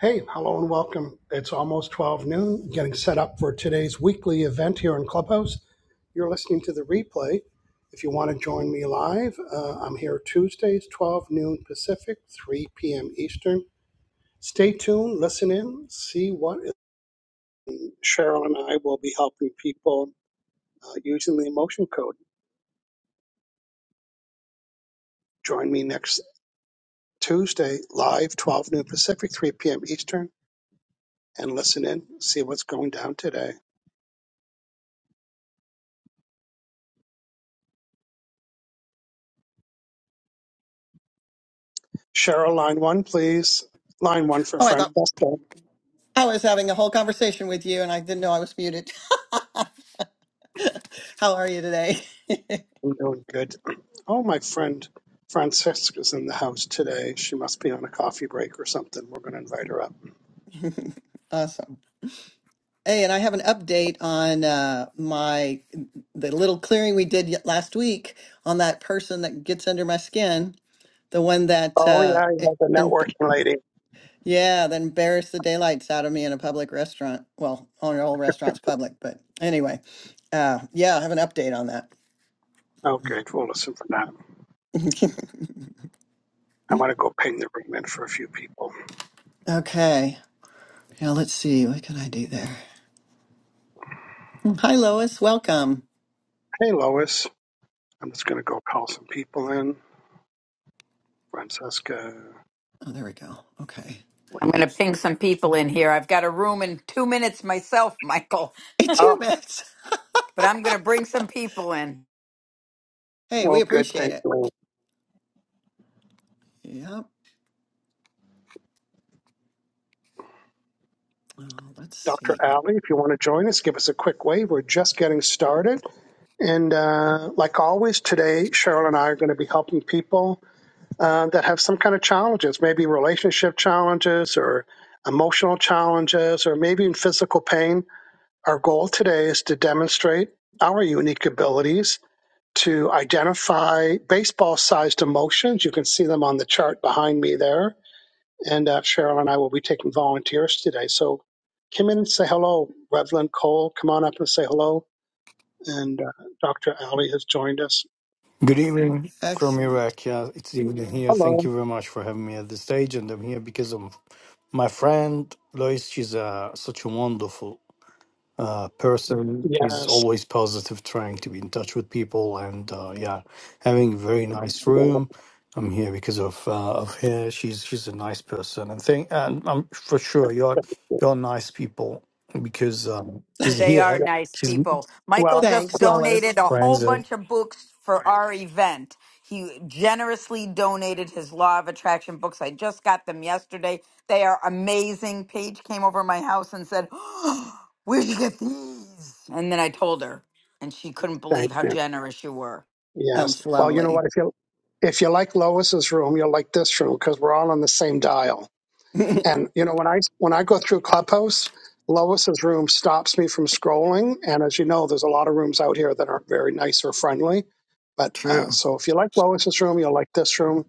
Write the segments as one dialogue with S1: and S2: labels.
S1: Hey, hello and welcome. It's almost 12 noon, getting set up for today's weekly event here in Clubhouse. You're listening to the replay. If you want to join me live, uh, I'm here Tuesdays, 12 noon Pacific, 3 p.m. Eastern. Stay tuned, listen in, see what is. Cheryl and I will be helping people uh, using the emotion code. Join me next Tuesday, live, 12 noon Pacific, 3 p.m. Eastern, and listen in, see what's going down today. Cheryl, line one, please. Line one for
S2: Oh, I thought
S1: Francesca.
S2: I was having a whole conversation with you and I didn't know I was muted. How are you today?
S1: I'm doing good. Oh, my friend Francesca's in the house today. She must be on a coffee break or something. We're going to invite her up.
S2: awesome. Hey, and I have an update on uh, my the little clearing we did y- last week on that person that gets under my skin, the one that
S1: Oh,
S2: uh,
S1: yeah,
S2: e-
S1: yeah, the
S2: em-
S1: networking lady.
S2: yeah, that embarrassed the daylights out of me in a public restaurant. Well, on all restaurants public, but anyway, uh, yeah, I have an update on that.
S1: Okay, we'll listen for that. I want to go ping the room in for a few people.
S2: okay, now let's see what can I do there. Hi, Lois. Welcome.
S1: Hey, Lois. I'm just going to go call some people in. Francesca.
S2: Oh, there we go. Okay.
S3: I'm going to ping some people in here. I've got a room in two minutes myself, Michael,
S1: Oh,
S2: two minutes.
S3: but I'm going to bring some people in.
S2: Hey, we
S1: Well, good.
S2: appreciate
S1: Thank
S2: it.
S1: you.
S2: Yep. Oh, let's
S1: Dr.
S2: see.
S1: Alley, if you want to join us, give us a quick wave. We're just getting started. And uh, like always, today, Cheryl and I are going to be helping people uh, that have some kind of challenges, maybe relationship challenges or emotional challenges or maybe in physical pain. Our goal today is to demonstrate our unique abilities to identify baseball sized emotions. You can see them on the chart behind me there and uh, Cheryl and I will be taking volunteers today. So come in and say hello. Revlon Cole, come on up and say hello. And uh, Dr. Ali has joined us.
S4: Good evening from
S2: Excellent.
S4: Iraq. Yeah, it's evening here. Thank
S1: Hello.
S4: you very much for having me at the stage, and I'm here because of my friend Lois. She's uh, such a wonderful uh, person. She's
S1: Yes.
S4: always positive, trying to be in touch with people, and uh, yeah, having a very nice
S1: yes.
S4: room. I'm here because of uh, of her. She's she's a nice person, and think and I'm for sure you're you're nice people because um, she's
S3: They
S4: here.
S3: are
S1: yes.
S3: nice
S4: She's
S3: people. Michael
S1: Well,
S3: just
S2: Thanks,
S3: donated
S2: Lois.
S3: a whole
S4: friends. uh,
S3: bunch of books for our event. He generously donated his Law of Attraction books. I just got them yesterday. They are amazing. Paige came over my house and said, "Oh, Where'd you get these? And then I told her, and she couldn't
S1: thank
S3: believe how
S1: you.
S3: generous you were.
S1: Yes.
S2: That's
S1: Well, you know
S2: lovely.
S1: what? If you if you like Lois's room, you'll like this room because we're all on the same dial. And you know, when I when I go through Clubhouse, Lois's room stops me from scrolling. And as you know, there's a lot of rooms out here that aren't very nice or friendly. But
S2: True.
S1: uh, so if you like Lois's room, you'll like this room.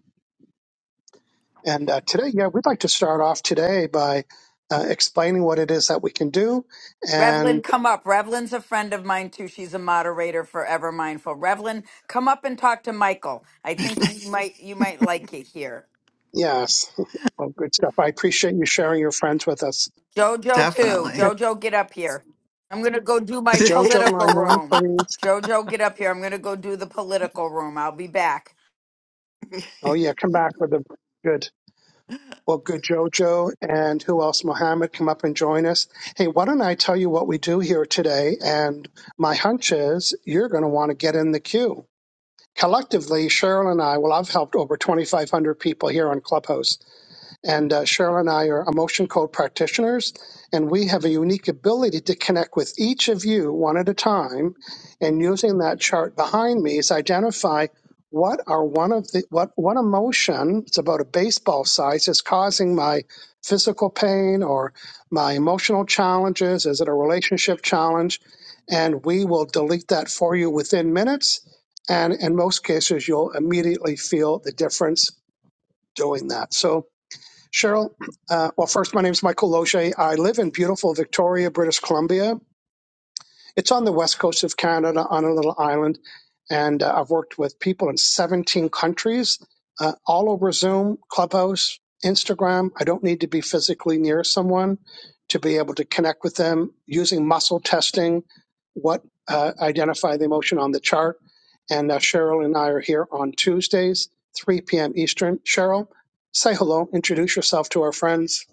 S1: And uh, today, yeah, we'd like to start off today by uh, explaining what it is that we can do. And
S3: Revlin, come up. Revlin's a friend of mine too. She's a moderator for Ever Mindful. Revlin, come up and talk to Michael. I think you might you might like it here.
S1: yes, well, good stuff. I appreciate you sharing your friends with us.
S3: Jojo too.
S1: Good.
S2: Definitely.
S3: Jojo, get up here. I'm gonna go do my
S1: Jojo,
S3: political
S1: line one,
S3: room.
S1: please.
S3: Jojo, get up here. I'm gonna go do the political room. I'll be back.
S1: Oh yeah, come back with the good. Well, good Jojo and who else? Mohammed, come up and join us. Hey, why don't I tell you what we do here today? And my hunch is you're going to want to get in the queue. Collectively, Cheryl and I, well, I've helped over 2,500 people here on Clubhouse and uh, Cheryl and I are emotion code practitioners, and we have a unique ability to connect with each of you one at a time. And using that chart behind me is identify what are one of the what one emotion it's about a baseball size is causing my physical pain or my emotional challenges is it a relationship challenge and we will delete that for you within minutes and in most cases you'll immediately feel the difference doing that so Cheryl, uh, well, first, my name is Michael Loche. I live in beautiful Victoria, British Columbia, it's on the west coast of Canada on a little island. And uh, I've worked with people in 17 countries, uh, all over Zoom, Clubhouse, Instagram. I don't need to be physically near someone to be able to connect with them using muscle testing, what uh, identify the emotion on the chart. And uh, Cheryl and I are here on Tuesdays, 3 p.m. Eastern. Cheryl, say hello, introduce yourself to our friends.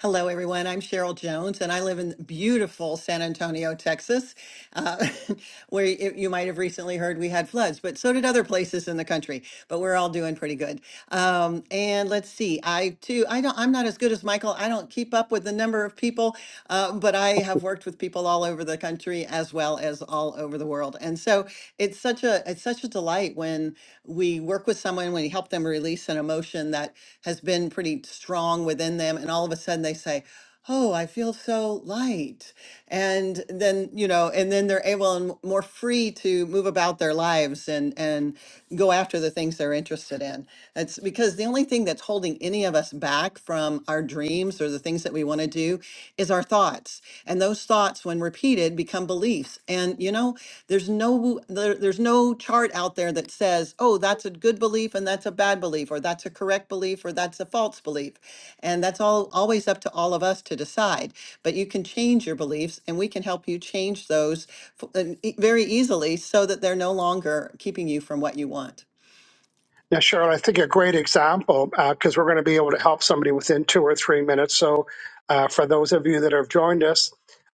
S2: Hello, everyone. I'm Cheryl Jones, and I live in beautiful San Antonio, Texas. uh, where y- you might have recently heard we had floods, but so did other places in the country. But we're all doing pretty good. Um, and let's see, I too, I don't, I'm not as good as Michael. I don't keep up with the number of people, uh, but I have worked with people all over the country as well as all over the world. And so it's such a, it's such a delight when we work with someone, when we help them release an emotion that has been pretty strong within them, and all of a sudden they say, oh, I feel so light. And then, you know, and then they're able and more free to move about their lives and and go after the things they're interested in. It's because the only thing that's holding any of us back from our dreams or the things that we want to do is our thoughts. And those thoughts, when repeated, become beliefs. And you know, there's no there, there's no chart out there that says, oh, that's a good belief and that's a bad belief, or that's a correct belief, or that's a false belief. And that's all always up to all of us to decide. But you can change your beliefs and we can help you change those f- uh, e- very easily so that they're no longer keeping you from what you want.
S1: Yeah, Cheryl. I think a great example, because we're going to be able to help somebody within two or three minutes. So, uh, for those of you that have joined us,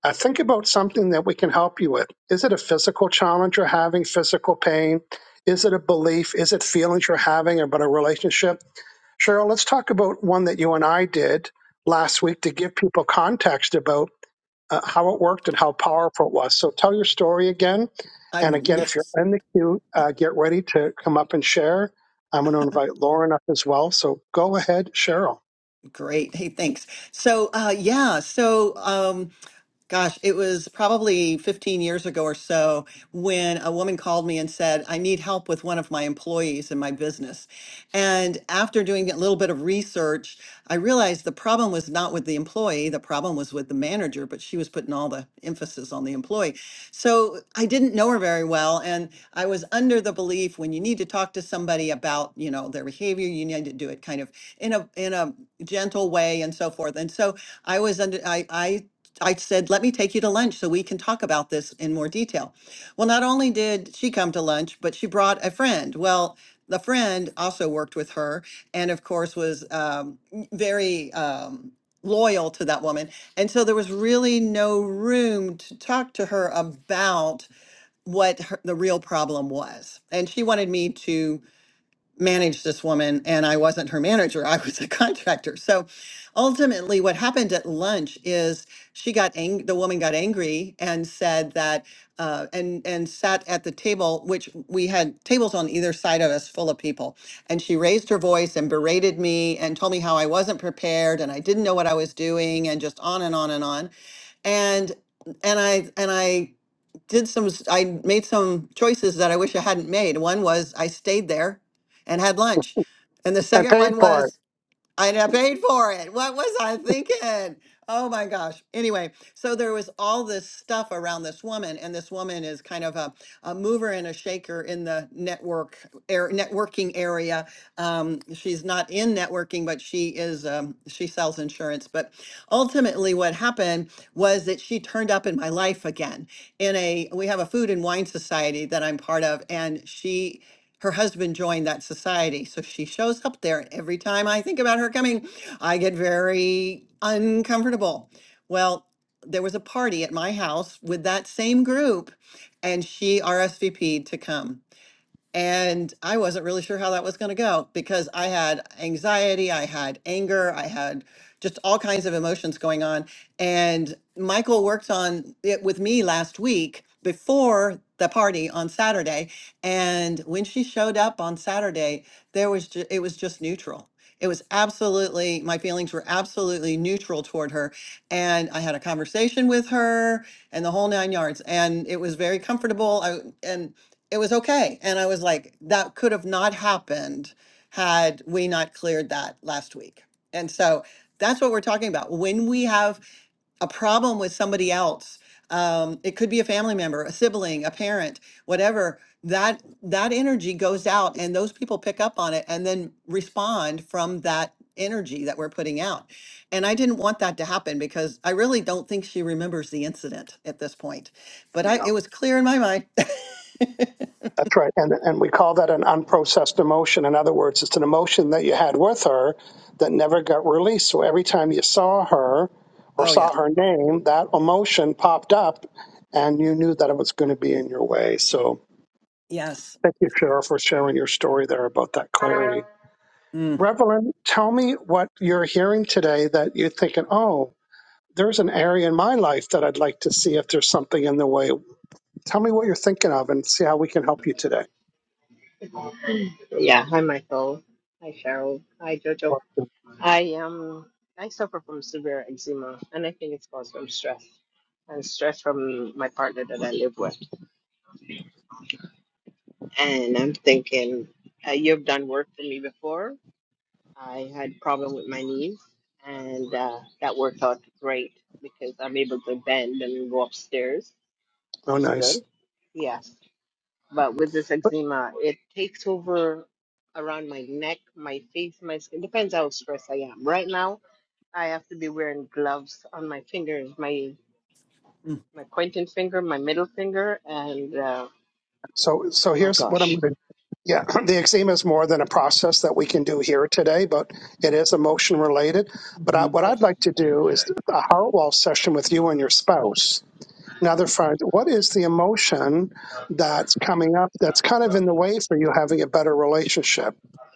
S1: uh, think about something that we can help you with. Is it a physical challenge you're having, physical pain? Is it a belief? Is it feelings you're having about a relationship? Cheryl, let's talk about one that you and I did last week to give people context about uh, how it worked and how powerful it was. So tell your story again. And
S2: I'm
S1: again, if you're
S2: yes,
S1: in the queue, uh, get ready to come up and share. I'm going to invite Lauren up as well. So go ahead, Cheryl.
S2: great. Hey, thanks. So uh yeah, so um Gosh, it was probably 15 years ago or so when a woman called me and said, I need help with one of my employees in my business. And after doing a little bit of research, I realized the problem was not with the employee, the problem was with the manager, but she was putting all the emphasis on the employee. So I didn't know her very well. And I was under the belief when you need to talk to somebody about, you know, their behavior, you need to do it kind of in a in a gentle way and so forth. And so I was under I I I said, let me take you to lunch so we can talk about this in more detail. Well, not only did she come to lunch, but she brought a friend. Well, the friend also worked with her and, of course, was um, very um, loyal to that woman. And so there was really no room to talk to her about what her, the real problem was. And she wanted me to manage this woman and I wasn't her manager, I was a contractor. So ultimately what happened at lunch is she got ang- the woman got angry and said that uh, and and sat at the table which we had tables on either side of us full of people and she raised her voice and berated me and told me how I wasn't prepared and I didn't know what I was doing and just on and on and on and and I and I did some, s- I made some choices that I wish I hadn't made. One was I stayed there and had lunch. And the
S1: And
S2: second
S1: paid
S2: one
S1: for it.
S2: was and I paid for it. What was I thinking? Oh my gosh. Anyway, so there was all this stuff around this woman, and this woman is kind of a, a mover and a shaker in the network air, networking area. Um, she's not in networking, but she is. Um, she sells insurance. But ultimately, what happened was that she turned up in my life again. In a we have a food and wine society that I'm part of, and she her husband joined that society. So she shows up there. and Every time I think about her coming, I get very uncomfortable. Well, there was a party at my house with that same group, and she RSVP'd to come. And I wasn't really sure how that was going to go because I had anxiety, I had anger, I had just all kinds of emotions going on. And Michael worked on it with me last week before the party on Saturday. And when she showed up on Saturday, there was ju- it was just neutral. It was absolutely my feelings were absolutely neutral toward her. And I had a conversation with her and the whole nine yards. And it was very comfortable. I, and it was okay. And I was like, that could have not happened had we not cleared that last week. And so that's what we're talking about. When we have a problem with somebody else, um, it could be a family member, a sibling, a parent, whatever. That that energy goes out, and those people pick up on it and then respond from that energy that we're putting out. And I didn't want that to happen because I really don't think she remembers the incident at this point. But I, it
S1: No.
S2: was clear in my mind.
S1: That's right. And, and we call that an unprocessed emotion. In other words, it's an emotion that you had with her that never got released. So every time you saw her or
S2: Oh yeah.
S1: saw her name, that emotion popped up and you knew that it was going to be in your way. So
S2: Yes.
S1: thank you, Cheryl, for sharing your story there about that clarity.
S2: Mm,
S1: Revelyn, tell me what you're hearing today that you're thinking, oh, there's an area in my life that I'd like to see if there's something in the way. Tell me what you're thinking of and see how we can help you today.
S5: Yeah, hi Michael. Hi Cheryl. Hi Jojo.
S1: Well,
S5: I um I suffer from severe eczema and I think it's caused from stress and stress from my partner that I live with. And I'm thinking uh, you've done work for me before. I had problem with my knees and uh, that worked out great because I'm able to bend and go upstairs,
S1: oh,
S5: which is
S1: nice.
S5: good. Yeah. But with this eczema, it takes over around my neck, my face, my skin. Depends how stressed I am. Right now, I have to be wearing gloves on my fingers, my
S2: mm,
S5: my pointing finger, my middle finger, and uh,
S1: So, so
S5: oh
S1: here's what I'm
S5: gosh,
S1: going to. Yeah, the eczema is more than a process that we can do here today, but it is emotion related. But I,
S2: hmm
S1: what I'd
S5: yes,
S1: like to do is a heart wall session with you and your spouse. Now, they're find what is the emotion that's coming up that's kind of in the way for you having a better relationship?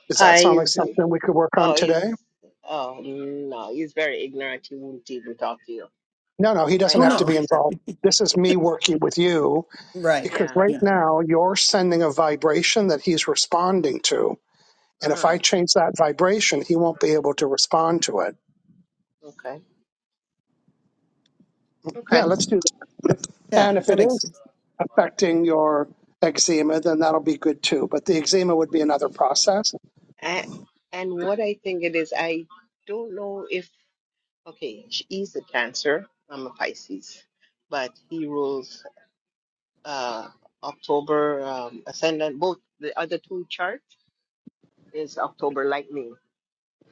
S1: Does that sound like
S5: eyes.
S1: something we could work on
S5: Oh,
S1: today?
S5: he's oh no, he's very ignorant. He won't even talk to you.
S1: No, no, he
S5: Right
S1: doesn't
S2: Oh
S1: have to
S5: now,
S2: no.
S1: be
S5: he's a
S1: involved. This is me working with you
S2: Right.
S1: because
S5: yeah.
S1: right
S2: Yeah.
S1: now you're sending a vibration that he's responding to. And if
S5: Uh-huh.
S1: I change that vibration, he won't be able to respond to it.
S5: Okay.
S1: Yeah,
S5: Okay.
S1: let's do that.
S2: Yeah.
S1: And if
S2: That
S1: it
S2: makes
S1: is
S2: sense.
S1: affecting your eczema, then that'll be good too. But the eczema would be another process.
S5: And, and what I think it is, I don't know if Okay, she is a Cancer. I'm a Pisces, but he rules uh, October um, ascendant. Both the other two chart is October lightning.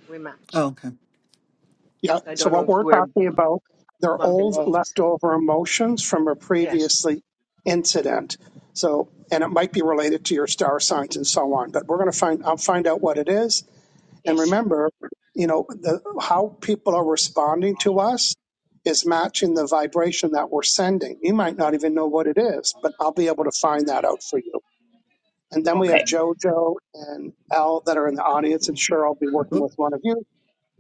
S5: We match.
S2: Oh, okay.
S1: Yeah.
S5: So I
S1: So
S5: don't know
S1: what
S5: if
S1: we're
S5: we're
S1: talking about, they're
S5: bumping
S1: old
S5: eggs.
S1: leftover emotions from a
S5: Yes.
S1: previously incident. So, and it might be related to your star signs and so on. But we're going to find, I'll find out what it is. And
S5: Yes.
S1: remember, you know, the, how people are responding to us is matching the vibration that we're sending. You might not even know what it is, but I'll be able to find that out for you. And then we have
S5: Okay.
S1: JoJo and Al that are in the audience, and sure, I'll be working
S2: Oop.
S1: with one of you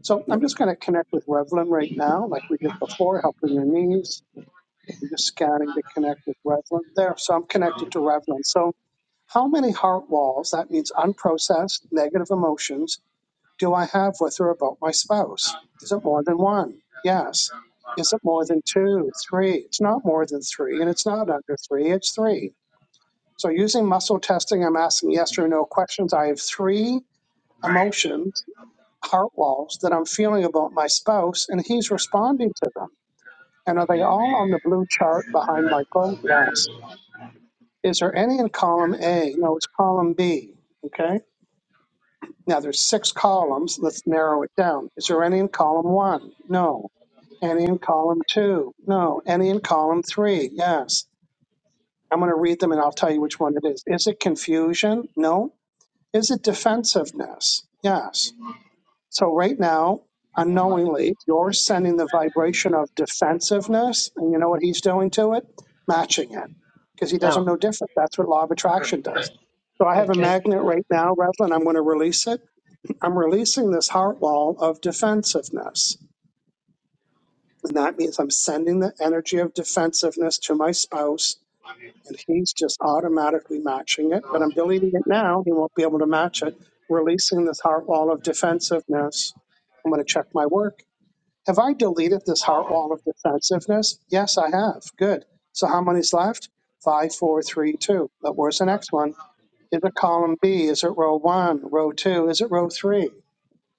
S1: so
S2: Yep.
S1: I'm just going to connect with Revlon right now, like we did before, help with your knees. I'm just scanning to connect with Revlon. There, so I'm connected to Revlon. So how many heart walls, that means unprocessed negative emotions, do I have with or about my spouse? Is it more than one? Yes. Is it more than two, three? It's not more than three, and it's not under three, it's three. So using muscle testing, I'm asking yes or no questions. I have three emotions heart walls that I'm feeling about my spouse, and he's responding to them. And are they all on the blue chart behind Michael? Yes. Is there any in column A? No, it's column B. Okay. Now there's six columns. Let's narrow it down. Is there any in column one? No. Any in column two? No. Any in column three? Yes. I'm going to read them and I'll tell you which one it is. Is it confusion? No. Is it defensiveness? Yes. So right now, unknowingly, you're sending the vibration of defensiveness, and you know what he's doing to it? Matching it. Because he doesn't
S5: No.
S1: know different. That's what law of attraction does. So I have a
S5: Okay.
S1: magnet right now, Revlon, I'm going to release it. I'm releasing this heart wall of defensiveness. And that means I'm sending the energy of defensiveness to my spouse, and he's just automatically matching it. But I'm deleting it now. He won't be able to match it. Releasing this heart wall of defensiveness. I'm going to check my work. Have I deleted this heart wall of defensiveness? Yes, I have. Good. So how many's left? Five, four, three, two. But where's the next one? Is it column B? Is it row one? Row two? Is it row three?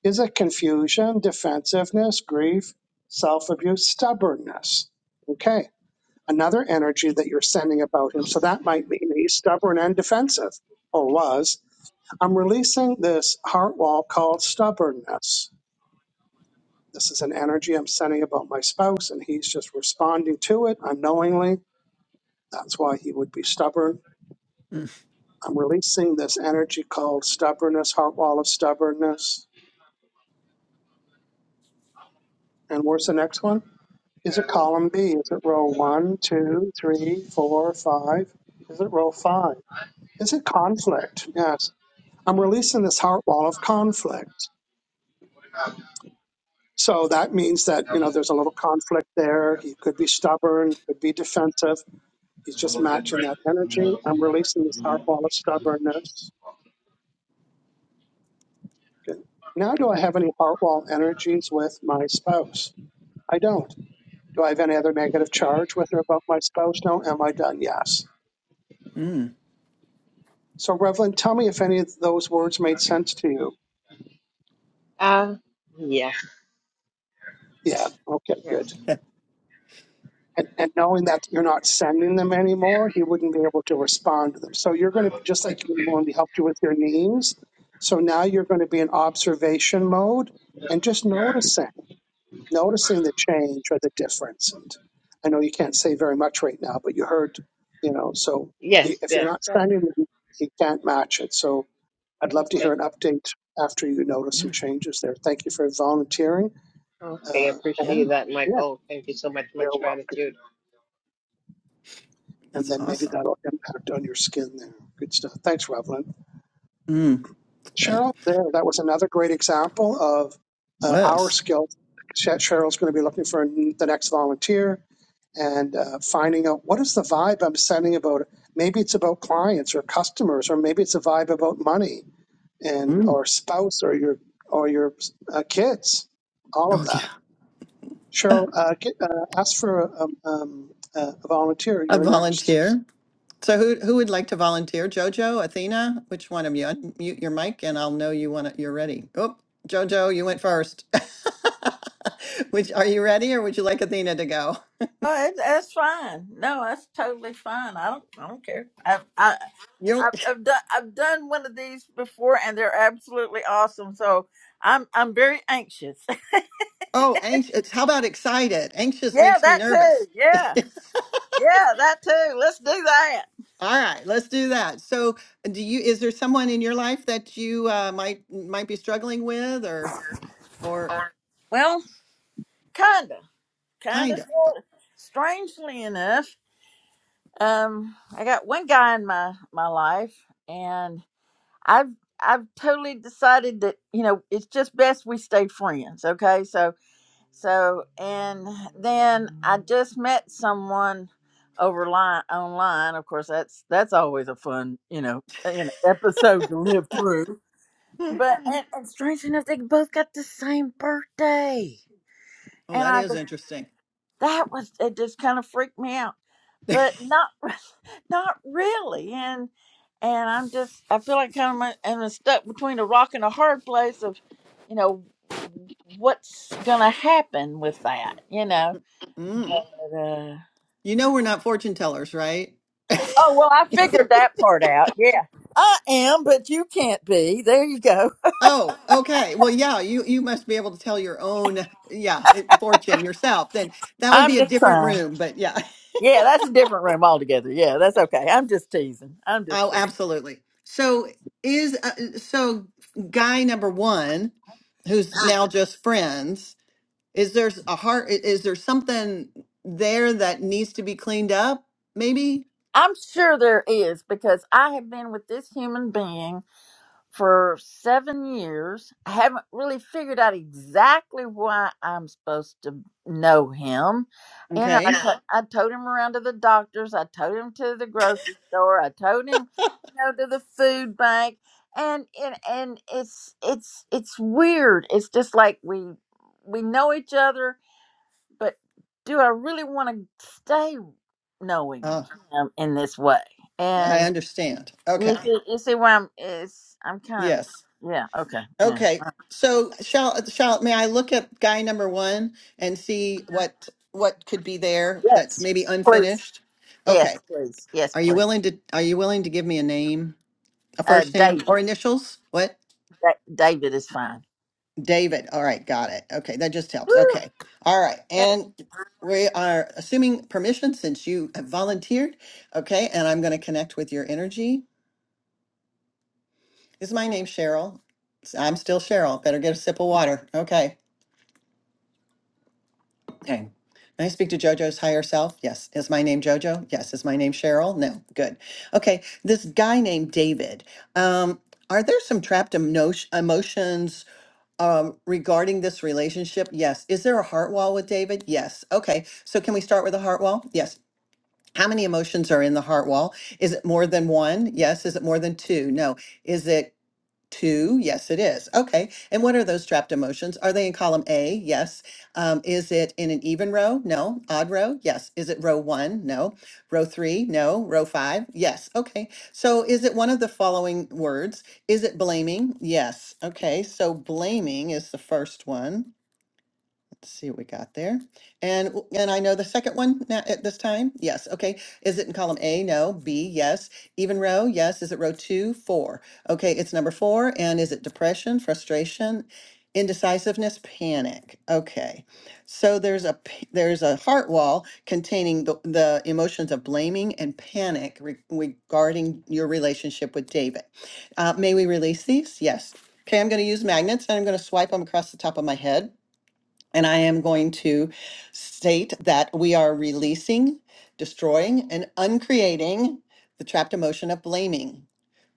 S1: Is it confusion, defensiveness, grief, self abuse, stubbornness? Okay. Another energy that you're sending about him. So that might mean he's stubborn and defensive, or was. I'm releasing this heart wall called stubbornness. This is an energy I'm sending about my spouse, and he's just responding to it unknowingly. That's why he would be stubborn.
S2: Mm,
S1: I'm releasing this energy called stubbornness, heart wall of stubbornness. And where's the next one? Is it column B? Is it row one, two, three, four, five? Is it row five? Is it conflict? Yes. I'm releasing this heart wall of conflict. So that means that, you know, there's a little conflict there. He could be stubborn, could be defensive He's just matching that energy. I'm releasing this heart wall of stubbornness. Good. Now, do I have any heart wall energies with my spouse? I don't. Do I have any other negative charge with or about my spouse? No. Am I done? Yes.
S2: mm.
S1: So, Revlon, tell me if any of those words made sense to you.
S5: Uh, yes.
S1: Yeah. Okay, good.
S5: Yes.
S1: And, and knowing that you're not sending them anymore, he wouldn't be able to respond to them. So, you're going to, just like when we helped you with your knees, so now you're going to be in observation mode and just noticing. noticing the change or the difference. And I know you can't say very much right now, but you heard, you know, so y-
S5: Yes.
S1: if you're
S5: Yes.
S1: not
S5: Oh,
S1: spending them, you can't match it. So I'd love to hear
S5: okay.
S1: an update after you notice some
S2: Yeah.
S1: changes there. Thank you for volunteering.
S5: Okay.
S1: Uh,
S2: Yeah.
S5: Appreciate
S1: and
S5: that,
S1: yeah,
S5: Michael. Thank you so much.
S1: you're
S5: Much
S1: welcome.
S5: gratitude.
S1: And
S2: That's
S1: then maybe
S2: awesome.
S1: that'll impact on your skin there. Good stuff. Thanks, Revlon.
S2: Mm, yeah.
S1: Cheryl, there, that was another great example of uh, our
S2: Was.
S1: skill. Cheryl's going to be looking for the next volunteer and uh, finding out what is the vibe I'm sending about. it. Maybe it's about clients or customers, or maybe it's a vibe about money and
S2: Mm.
S1: or spouse or your or your uh, kids. All of
S2: Oh yeah.
S1: that.
S2: Uh,
S1: Cheryl, uh, get, uh, ask for um, um, uh, a volunteer.
S2: A
S1: You're next.
S2: volunteer. So who who would like to volunteer? Jojo, Athena, which one of you? Unmute your mic, and I'll know you want to, you're ready. Oh, Jojo, you went first. which are you ready, or would you like Athena to go?
S6: Oh, it, that's fine. No, that's totally fine. I don't, I don't care. I've, I,
S2: You.
S6: I've, I've done, I've done one of these before, and they're absolutely awesome. So I'm, I'm very anxious.
S2: Oh, anxious. How about excited? Anxious
S6: yeah,
S2: makes me
S6: that
S2: nervous.
S6: too. Yeah, yeah, that too. Let's do that.
S2: All right, let's do that. So, uh, do you is there someone in your life that you uh, might might be struggling with or or
S6: Well, kinda, kinda,
S2: kind of?
S6: sorta. Strangely enough, um, I got one guy in my my life, and I've, I've totally decided that you know it's just best we stay friends. Okay, so So, and then I just met someone over line online. Of course, that's that's always a fun, you know, an episode to live through. But and, and strange enough, they both got the same birthday,
S2: Oh,
S6: and
S2: that
S6: I
S2: is
S6: just
S2: interesting.
S6: that was it. Just kind of freaked me out, but not not really. And and I'm just I feel like kind of am stuck between a rock and a hard place of, you know, what's gonna happen with that, you know
S2: Mm.
S6: but, uh,
S2: You know we're not fortune tellers, right?
S6: Oh, well, I figured that part out. Yeah. I am, but you can't be. There you go.
S2: Oh, okay. Well, yeah, you you must be able to tell your own yeah, eh, fortune yourself. Then that would
S6: I'm
S2: be a
S6: just
S2: different
S6: trying.
S2: room, but yeah.
S6: Yeah, that's a different room altogether. Yeah, that's okay. I'm just teasing. I'm just
S2: Oh,
S6: teasing.
S2: absolutely. So is uh, so guy number one, who's now just friends. Is there a heart? i- Is there something there that needs to be cleaned up? Maybe.
S6: I'm sure there is because I have been with this human being for seven years. I haven't really figured out exactly why I'm supposed to know him. And I,
S2: Okay.
S6: to- Yeah. I towed him around to the doctors. I towed him to the grocery store. I towed him, you know, to the food bank. And and and it's it's it's weird. It's just like we we know each other, but do I really want to stay knowing
S2: Uh,
S6: him in this way?
S2: I
S6: And
S2: understand.
S6: you
S2: Okay.
S6: see, you see where I'm is I'm kind of
S2: Yes.
S6: yeah okay yeah.
S2: Okay. So shall shall may I look at guy number one and see what what could be there that's
S6: yes
S2: maybe
S6: please
S2: unfinished?
S6: yes
S2: Okay.
S6: please yes
S2: Are you
S6: please
S2: willing to Are you willing to give me a name? A
S6: uh
S2: first name or
S6: David
S2: initials? What?
S6: da- David is fine
S2: David. All right, got it. Okay, that just helps.
S6: Woo.
S2: Okay. All right.
S6: Yeah.
S2: And we are assuming permission since you have volunteered. Okay, and I'm going to connect with your energy. Is my name Cheryl? S- I'm still Cheryl. Better get a sip of water. Okay. Okay. May I speak to JoJo's higher self? Yes. Is my name JoJo? Yes. Is my name Cheryl? No. Good. Okay. This guy named David. Um, are there some trapped emotion, emotions Um, regarding this relationship, yes. Is there a heart wall with David? Yes. Okay. So can we start with a heart wall? Yes. How many emotions are in the heart wall? Is it more than one? Yes. Is it more than two? No. Is it Two, yes, it is. Okay. And what are those trapped emotions? Are they in column A? Yes. Um, is it in an even row? No. Odd row? Yes. Is it row one? No. Row three? No. Row five? Yes. Okay. So is it one of the following words? Is it blaming? Yes. Okay. So blaming is the first one. Let's see what we got there. And and I know the second one now at this time. Yes. Okay. Is it in column A? No. B? Yes. Even row? Yes. Is it row two? Four. Okay. It's number four. And is it depression, frustration, indecisiveness, panic? Okay. So there's a p- there's a heart wall containing the, the emotions of blaming and panic re- regarding your relationship with David. Uh, may we release these? Yes. Okay. I'm going to use magnets and I'm going to swipe them across the top of my head. And I am going to state that we are releasing, destroying, and uncreating the trapped emotion of blaming.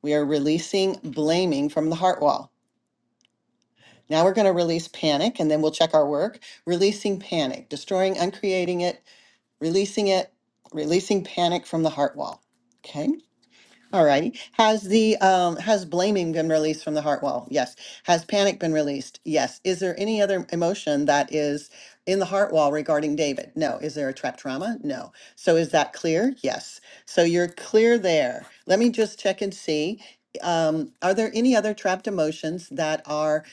S2: We are releasing blaming from the heart wall. Now we're going to release panic and then we'll check our work. Releasing panic, destroying, uncreating it, releasing it, releasing panic from the heart wall. Okay. All righty. Has the um has blaming been released from the heart wall? Yes. Has panic been released? Yes. Is there any other emotion that is in the heart wall regarding David? No. Is there a trapped trauma? No. So is that clear? Yes. So you're clear there. Let me just check and see. Um, are there any other trapped emotions that are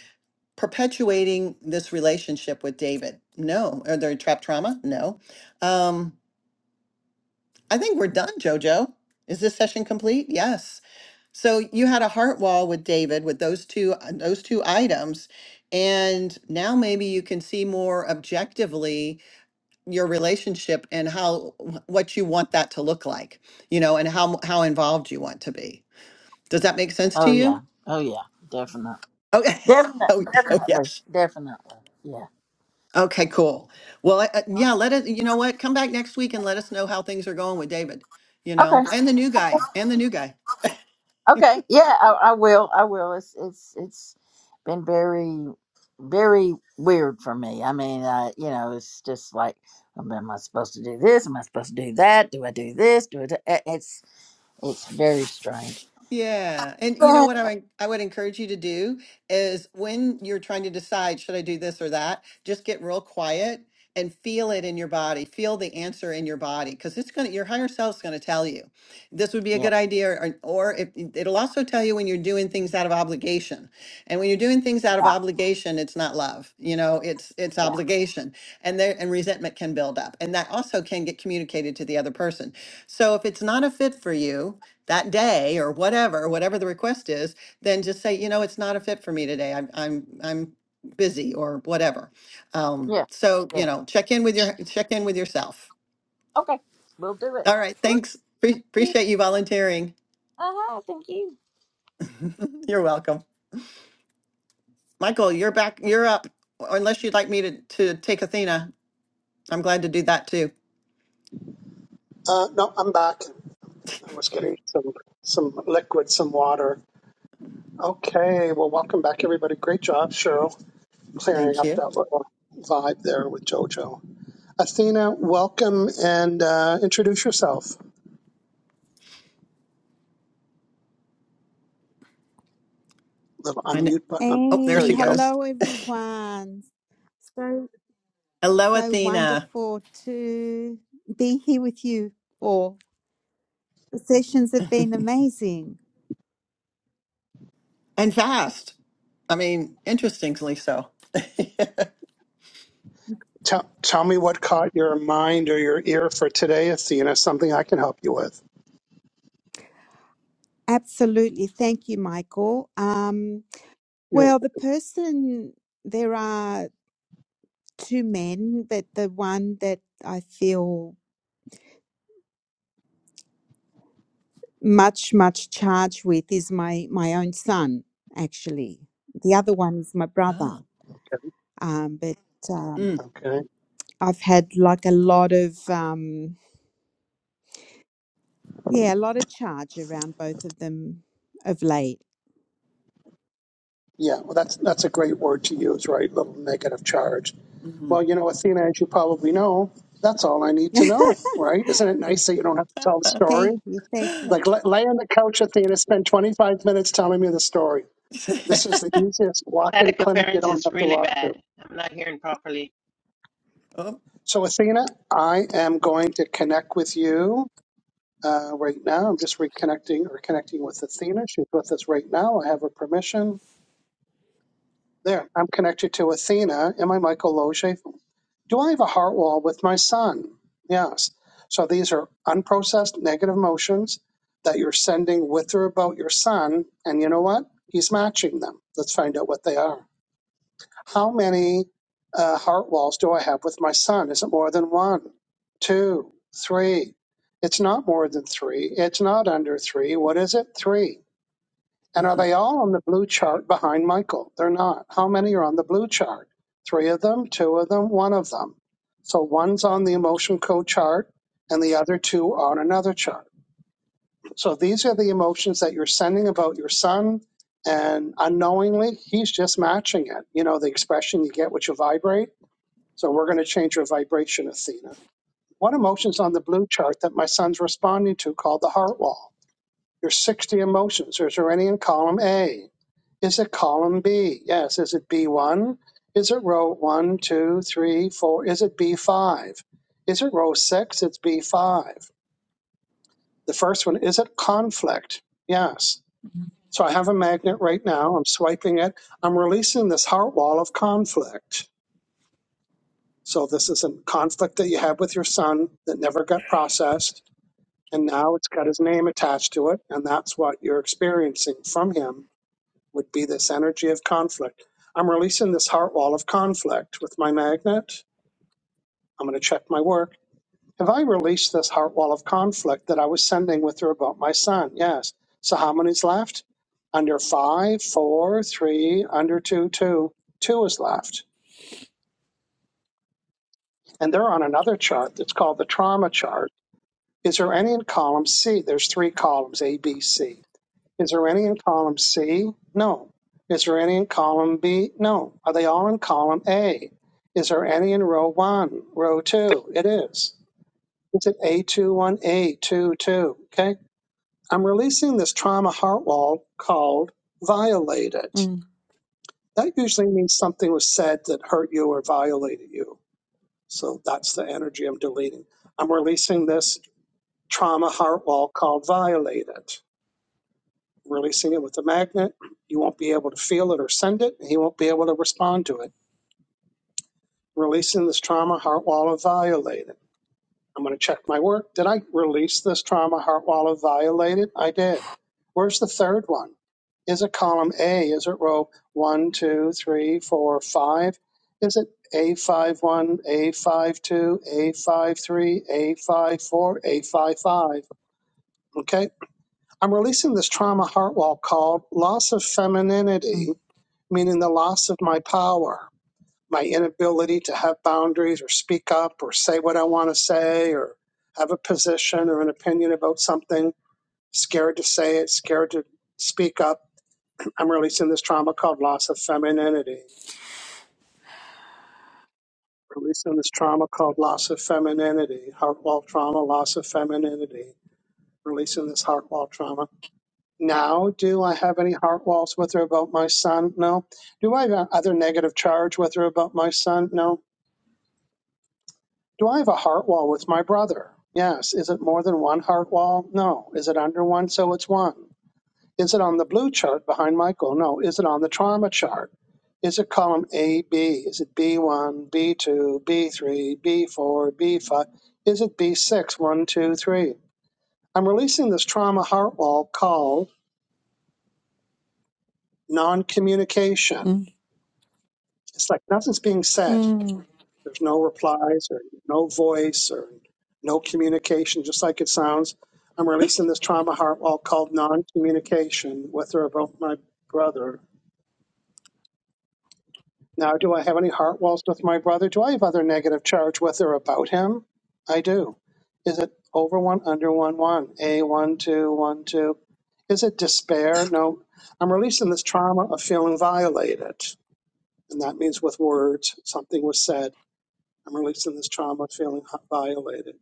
S2: perpetuating this relationship with David? No. Are there trapped trauma? No. Um, I think we're done, Jojo. Is this session complete? Yes. So you had a heart wall with David with those two uh, those two items and now maybe you can see more objectively your relationship and how what you want that to look like, you know, and how how involved you want to be. Does that make sense to
S6: oh yeah
S2: you?
S6: oh yeah definitely
S2: Okay.
S6: definitely
S2: Oh, oh
S6: definitely
S2: yes.
S6: definitely yeah
S2: Okay, cool. Well, uh, yeah, let it you know what? Come back next week and let us know how things are going with David, you know,
S6: okay
S2: and the new guy, and the new guy.
S6: okay yeah I, I will I will it's it's it's been very very weird for me I mean uh you know it's just like am I supposed to do this am I supposed to do that do I do this do it It's very strange.
S2: Yeah. And you know
S6: Oh,
S2: what I would, I would encourage you to do is when you're trying to decide, should I do this or that, just get real quiet and feel it in your body. Feel the answer in your body because it's going to, your higher self's going to tell you this would be a
S6: Yeah,
S2: good idea. Or, or if, it'll also tell you when you're doing things out of obligation. And when you're doing things out of
S6: yeah,
S2: obligation, it's not love, you know, it's, it's
S6: yeah,
S2: obligation and there, and resentment can build up. And that also can get communicated to the other person. So if it's not a fit for you, that day or whatever, whatever the request is, then just say, you know, it's not a fit for me today. I'm, I'm, I'm busy or whatever. Um,
S6: yeah,
S2: so, you
S6: yeah.
S2: know, check in with your, check in with yourself.
S6: Okay, we'll do it.
S2: All right. Thanks. Pre-
S6: Okay.
S2: appreciate you volunteering.
S6: Uh huh. Thank you.
S2: You're welcome. Michael, you're back, you're up. Unless you'd like me to, to take Athena. I'm glad to do that too.
S1: Uh, no, I'm back. I was getting some some liquid, some water. Okay, well, welcome back, everybody. Great job, Cheryl, clearing
S2: Thank
S1: up
S2: you.
S1: that little vibe there with JoJo. Athena, welcome and uh, introduce yourself. Little
S2: I know.
S1: unmute button. on-
S2: Oh, there
S1: There
S7: Hey,
S2: she
S1: you go.
S2: goes.
S7: hello everyone. So
S2: Hello,
S7: so
S2: Athena.
S7: wonderful to be here with you all. The sessions have been amazing.
S2: And fast. I mean, interestingly so.
S1: Tell, tell me what caught your mind or your ear for today, Athena, something I can help you with.
S7: Absolutely. Thank you, Michael. Um,
S1: You know,
S7: well, the person there are two men, but the one that I feel much, much charged with is my my own son, actually. The other one is my brother.
S2: Ah.
S7: Um, but um,
S2: Mm,
S1: Okay.
S7: I've had like a lot of um Yeah, a lot of charge around both of them of late.
S1: Yeah, well, that's that's a great word to use, right? Little negative charge.
S2: mhm.
S1: Well, you know, Athena, as you probably know, that's all I need to know, right? Isn't it nice that you don't have to tell the story?
S7: thank you, thank you.
S1: Like, lay, lay on the couch, Athena, spend 25 minutes telling me the story. This is the easiest walk in
S5: Static
S1: clinic you
S5: interference
S1: don't
S5: is
S1: have to
S5: really
S1: walk to.
S5: bad. I'm not hearing properly.
S2: oh,
S1: So, Athena, I am going to connect with you uh, right now. I'm just reconnecting or connecting with Athena. She's with us right now. I have her permission. There, I'm connected to Athena and my Michael Loge. Do I have a heart wall with my son? Yes. So these are unprocessed negative emotions that you're sending with or about your son. And you know what? He's matching them. Let's find out what they are. How many uh, heart walls do I have with my son? Is it more than one, two, three? It's not more than three. It's not under three. What is it? Three. And are
S2: mhm.
S1: they all on the blue chart behind Michael? They're not. How many are on the blue chart? Three of them, two of them, one of them. So one's on the emotion code chart and the other two are on another chart. So these are the emotions that you're sending about your son. And unknowingly, he's just matching it. You know, the expression you get what you vibrate. So we're going to change your vibration, Athena. What emotion's on the blue chart that my son's responding to called the heart wall? Your 60 emotions. Is there any in column A? Is it column B? Yes. Is it B1? Is it row one, 2, 3, 4? Is it B5? Is it row 6? It's B5. The first one, is it conflict? Yes. So I have a magnet right now. I'm swiping it. I'm releasing this heart wall of conflict. So this is a conflict that you had with your son that never got processed. And now it's got his name attached to it. And that's what you're experiencing from him would be this energy of conflict. I'm releasing this heart wall of conflict with my magnet. I'm going to check my work. Have I released this heart wall of conflict that I was sending with her about my son? Yes. So how many's left? Under five, four, three, under two, two. Two is left. And they're on another chart that's called the trauma chart. Is there any in column C? There's three columns, A, B, C. Is there any in column C? No. Is there any in column B? No. Are they all in column A? Is there any in row one, row two? It is. It's at A21A22. Okay. I'm releasing this trauma heart wall called violated.
S7: Mm,
S1: That usually means something was said that hurt you or violated you. So that's the energy I'm deleting. I'm releasing this trauma heart wall called violated. Releasing it with a magnet, you won't be able to feel it or send it, and he won't be able to respond to it. Releasing this trauma, heart wall of violated. I'm going to check my work. Did I release this trauma, heart wall of violated? I did. Where's the third one? Is it column A? Is it row one, two, three, four, five? Is it a five one, a five two, a five three, a five four, a five five? Okay. I'm releasing this trauma heart wall called loss of femininity
S7: mm,
S1: meaning the loss of my power, my inability to have boundaries or speak up or say what I want to say or have a position or an opinion about something, scared to say it, scared to speak up. I'm releasing this trauma called loss of femininity. Releasing this trauma called loss of femininity, heart wall trauma, loss of femininity, releasing this heart wall trauma. Now, do I have any heart walls with her about my son? No. Do I have other negative charge with her about my son? No. Do I have a heart wall with my brother? Yes. Is it more than one heart wall? No. Is it under one? So it's one. Is it on the blue chart behind Michael? No. Is it on the trauma chart? Is it column A, B? Is it B1, B2, B3, B4, B5? Is it B6, 1, two, three? I'm releasing this trauma heart wall called non communication.
S7: mm,
S1: It's like nothing's being said.
S7: mm.
S1: There's no replies or no voice or no communication, just like it sounds. I'm releasing this trauma heart wall called non communication with or about my brother. Now, do I have any heart walls with my brother? Do I have other negative charge with or about him? I do. Is it over one, under one, one, A, one, two, one, two? Is it despair? No. I'm releasing this trauma of feeling violated. And that means with words, something was said. I'm releasing this trauma of feeling violated.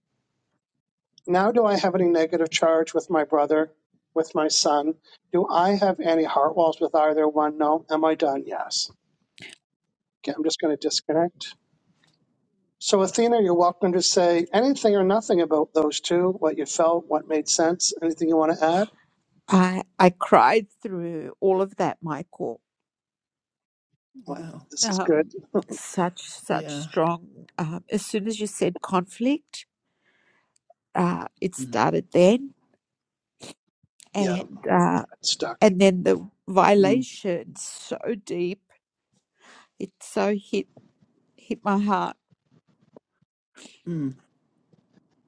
S1: Now do I have any negative charge with my brother, with my son? Do I have any heart walls with either one? No. Am I done? Yes. Okay, I'm just going to disconnect. So, Athena, you're welcome to say anything or nothing about those two, what you felt, what made sense, anything you want to add?
S7: I I cried through all of that, Michael.
S1: Oh,
S2: wow.
S1: this is good.
S7: Um, such such
S2: Yeah.
S7: strong. Um, as soon as you said conflict, uh, it
S2: Mm,
S7: started then,
S1: Yeah,
S7: and uh,
S1: it's stuck.
S7: and then the
S2: mm,
S7: violation so deep. It so hit hit my heart.
S2: mm,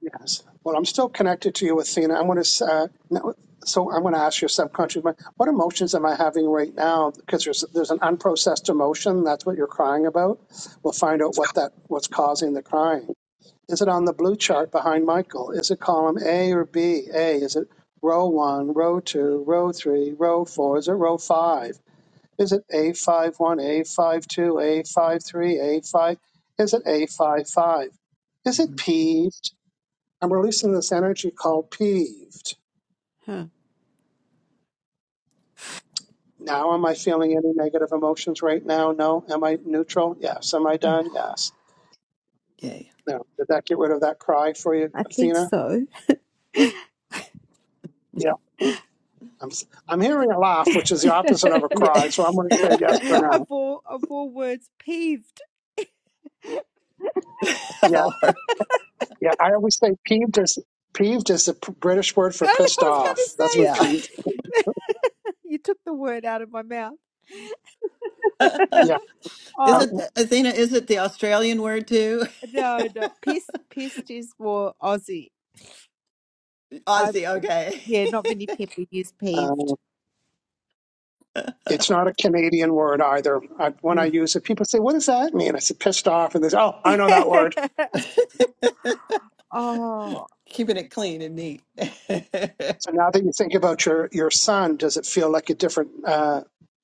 S1: Yes. Well, I'm still connected to you, Athena. I want to. Uh, no- so I am going to ask your subconscious mind: What emotions am I having right now? Because there's there's an unprocessed emotion. That's what you're crying about. We'll find out what that what's causing the crying. Is it on the blue chart behind Michael? Is it column A or B? A. Is it row one, row two, row three, row four? Is it row five? Is it A five one, A five two, A five three, A five? Is it A five five? Is it
S2: mhm.
S1: P? I'm releasing this energy called peeved.
S7: Huh.
S1: Now, am I feeling any negative emotions right now? No. Am I neutral? Yes. Am I done? Yes.
S2: Yay.
S1: Now, did that get rid of that cry for you,
S7: I think
S1: Athena?
S7: so.
S1: Yeah. I'm, I'm hearing a laugh, which is the
S7: of
S1: opposite of a
S2: Yeah.
S1: cry, so I'm going to say yes for now.
S7: all of all words, peeved.
S2: Of
S1: Yeah.
S2: all her.
S1: Yeah. I always say peeved is peeved is the p- British word for
S7: I
S1: pissed
S7: was going to
S1: off.
S7: say
S1: That's what
S7: is
S2: Yeah.
S1: peeved.
S7: that you took the word out of my mouth.
S1: Yeah.
S2: is
S1: I
S7: Oh
S2: it,
S1: don't-
S2: Athena, is it the Australian word too?
S7: no, no, pissed. Pissed is more Aussie. I
S2: Aussie, okay.
S7: yeah, not many people use
S1: um,
S7: peeved.
S1: it's not a Canadian word either. I, when I
S2: Mm.
S1: use it, people say, "What does that mean?" I say, "Pissed off," and they say, "Oh, I know that word."
S7: oh,
S2: Keeping it clean and neat.
S1: So now that you think about your your son, does it feel like a different uh,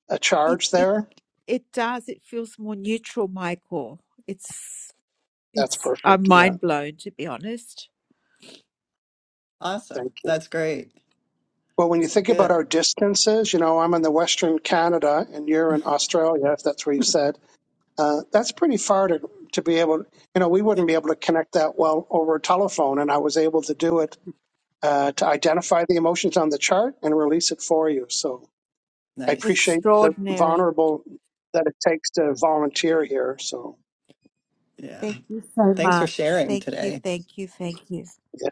S1: a
S7: it
S1: charge
S7: it
S1: there?
S7: it does. It feels more neutral, Michael. It's
S1: That's
S7: it's. I'm
S1: perfect. Yeah,
S7: mind blown to be honest.
S1: thank
S2: awesome.
S1: you.
S2: That's great.
S1: Well, when you think
S2: Good.
S1: about our distances, you know, I'm in the Western Canada and you're in Australia, if that's where you said. Uh, that's pretty far to to be able. You know, we wouldn't be able to connect that well over a telephone, and I was able to do it uh, to identify the emotions on the chart and release it for you. So I
S2: Nice.
S1: appreciate the
S7: Extraordinary.
S1: vulnerable that it takes to volunteer here. So.
S2: Yeah.
S7: Thank you so
S2: Thanks for
S7: much.
S2: sharing
S7: Thank you,
S2: today.
S7: thank you, thank you.
S1: yeah.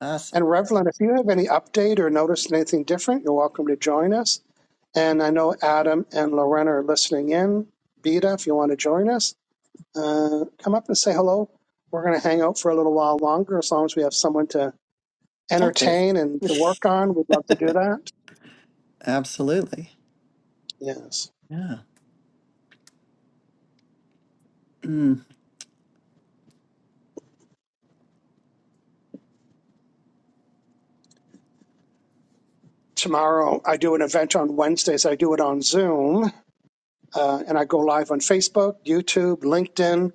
S2: Awesome.
S1: And Revlon, if you have any update or noticed anything different, you're welcome to join us. And I know Adam and Lorena are listening in. Beta, if you want to join us, uh, come up and say hello. We're going to hang out for a little while longer as long as we have someone to
S2: Talk with.
S1: entertain and to work on. We'd love to do that.
S2: Absolutely.
S1: Yes.
S2: Yeah. Mm.
S1: Tomorrow, I do an event on Wednesdays. I do it on Zoom, uh, and I go live on Facebook, YouTube, LinkedIn.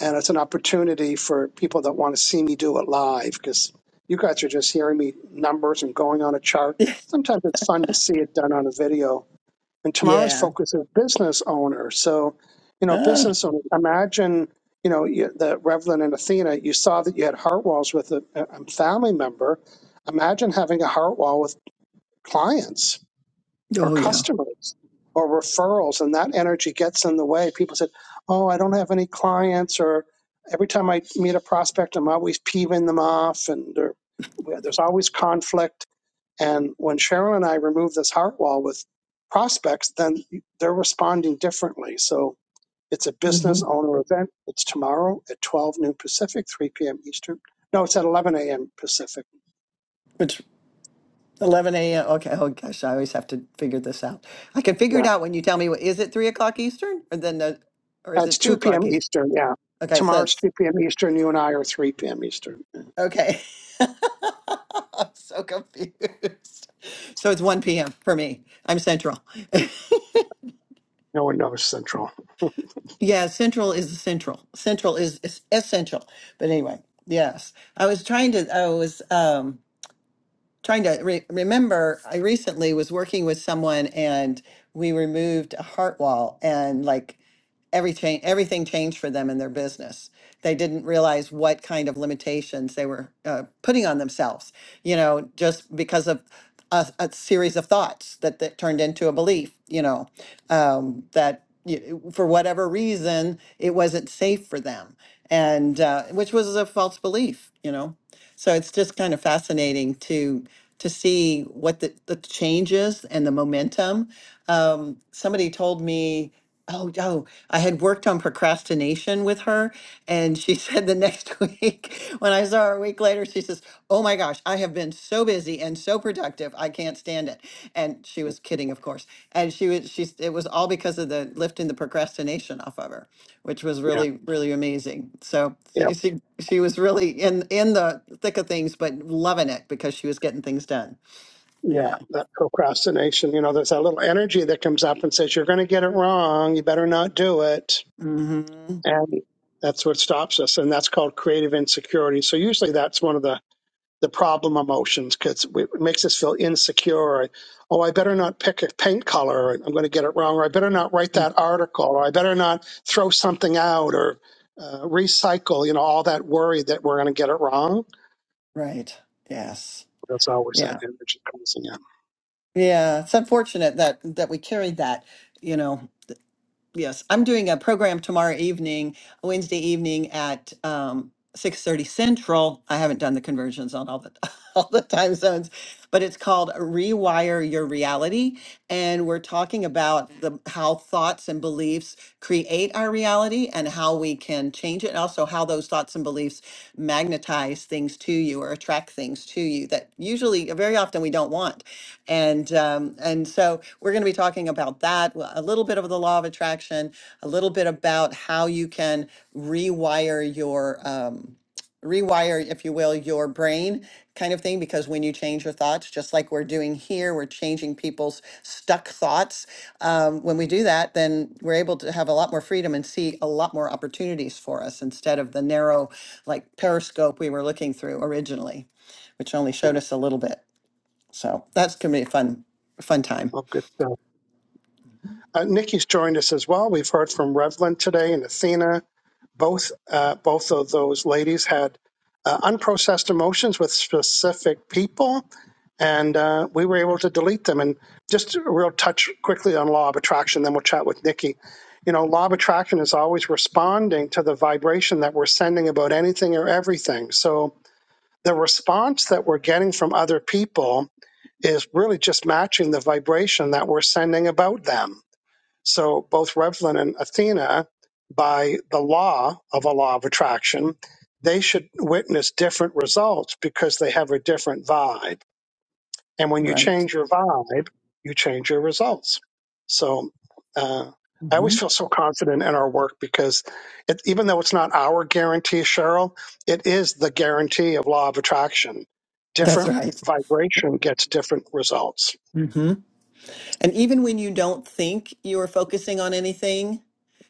S1: and it's an opportunity for people that want to see me do it live because you guys are just hearing me numbers and going on a chart. Sometimes it's fun to see it done on a video. And tomorrow's
S2: Yeah.
S1: focus is business owners. So, you know,
S2: Ah.
S1: business owners, imagine, you know, you, the Revlon and Athena, you saw that you had heart walls with a, a family member. Imagine having a heart wall with clients or
S2: Oh, yeah.
S1: customers or referrals and that energy gets in the way people said oh i don't have any clients or every time i meet a prospect i'm always peeving them off and there- there's always conflict and when cheryl and i remove this heart wall with prospects then they're responding differently so it's a business
S2: Mhm.
S1: owner event it's tomorrow at 12 noon pacific 3 p.m eastern no it's at 11 a.m pacific
S2: 11 a.m. Okay. Oh gosh, I always have to figure this out. I can figure
S1: Yeah.
S2: it out when you tell me what is it three o'clock Eastern or then the, or
S1: Uh,
S2: is
S1: It's
S2: it two
S1: 2
S2: o'clock
S1: p.m.
S2: Eastern?
S1: Eastern. Yeah.
S2: Okay, so
S1: Tomorrow's
S2: it's
S1: 2 p.m. Eastern. You and I are 3 p.m. Eastern.
S2: okay. I'm so confused. So it's 1 p.m. for me. I'm central.
S1: No one knows Central.
S2: yeah, central is central. Central is, is essential. But anyway, yes. I was trying to I was um trying to re- remember i recently was working with someone and we removed a heart wall and like every change everything changed for them in their business they didn't realize what kind of limitations they were uh, putting on themselves you know just because of a, a series of thoughts that, that turned into a belief you know um, that you, for whatever reason it wasn't safe for them and uh, which was a false belief you know so it's just kind of fascinating to to see what the, the changes and the momentum. Um, somebody told me, oh, oh, I had worked on procrastination with her, and she said the next week when I saw her a week later, she says, "Oh my gosh, I have." have been so busy and so productive. I can't stand it. And she was kidding, of course. And she was, she's, it was all because of the lifting the procrastination off of her, which was
S1: Yeah.
S2: really, really amazing. So
S1: Yeah.
S2: she, she, she was really in, in the thick of things, but loving it because she was getting things done.
S1: Yeah,
S2: Yeah.
S1: that procrastination, you know, there's that little energy that comes up and says, you're going to get it wrong. You better not do it.
S2: mm hmm
S1: And that's what stops us. And that's called creative insecurity. So usually that's one of the, the problem emotions because it makes us feel insecure. Or, oh, I better not pick a paint color. Or, I'm going to get it wrong. Or I better not write that article. Or I better not throw something out or uh, recycle, you know, all that worry that we're going to get it wrong.
S2: Right. Yes.
S1: That's always that
S2: Yeah.
S1: energy comes in.
S2: Yeah. It's unfortunate that, that we carried that, you know, Yes, I'm doing a program tomorrow evening, Wednesday evening at um, 6:30 Central. I haven't done the conversions on all the all the time zones, but it's called Rewire Your Reality, and we're talking about the how thoughts and beliefs create our reality and how we can change it, and also how those thoughts and beliefs magnetize things to you or attract things to you that usually very often we don't want. And um, and so we're going to be talking about that w- a little bit of the law of attraction, a little bit about how you can rewire your um, rewire, if you will, your brain kind of thing. Because when you change your thoughts, just like we're doing here, we're changing people's stuck thoughts. Um, when we do that, then we're able to have a lot more freedom and see a lot more opportunities for us instead of the narrow, like periscope we were looking through originally, which only
S1: Yeah.
S2: showed us a little bit. So that's going to be a fun, fun time.
S1: Oh, good. Uh, Nikki's joined us as well. We've heard from Revlin today and Athena. Both uh, both of those ladies had uh, unprocessed emotions with specific people, and uh, we were able to delete them. And just a real touch quickly on law of attraction. Then we'll chat with Nikki. You know, law of attraction is always responding to the vibration that we're sending about anything or everything. So the response that we're getting from other people is really just matching the vibration that we're sending about them. So both Revlon and Athena, by the law of a law of attraction, they should witness different results because they have a different vibe. And when you
S2: Right.
S1: change your vibe, you change your results. So uh, I
S2: hmm
S1: always feel so confident in our work because it, even though it's not our guarantee, Cheryl, it is the guarantee of law of attraction.
S2: That's
S1: Different
S2: right.
S1: vibration gets different results.
S2: And even when you don't think you are focusing on anything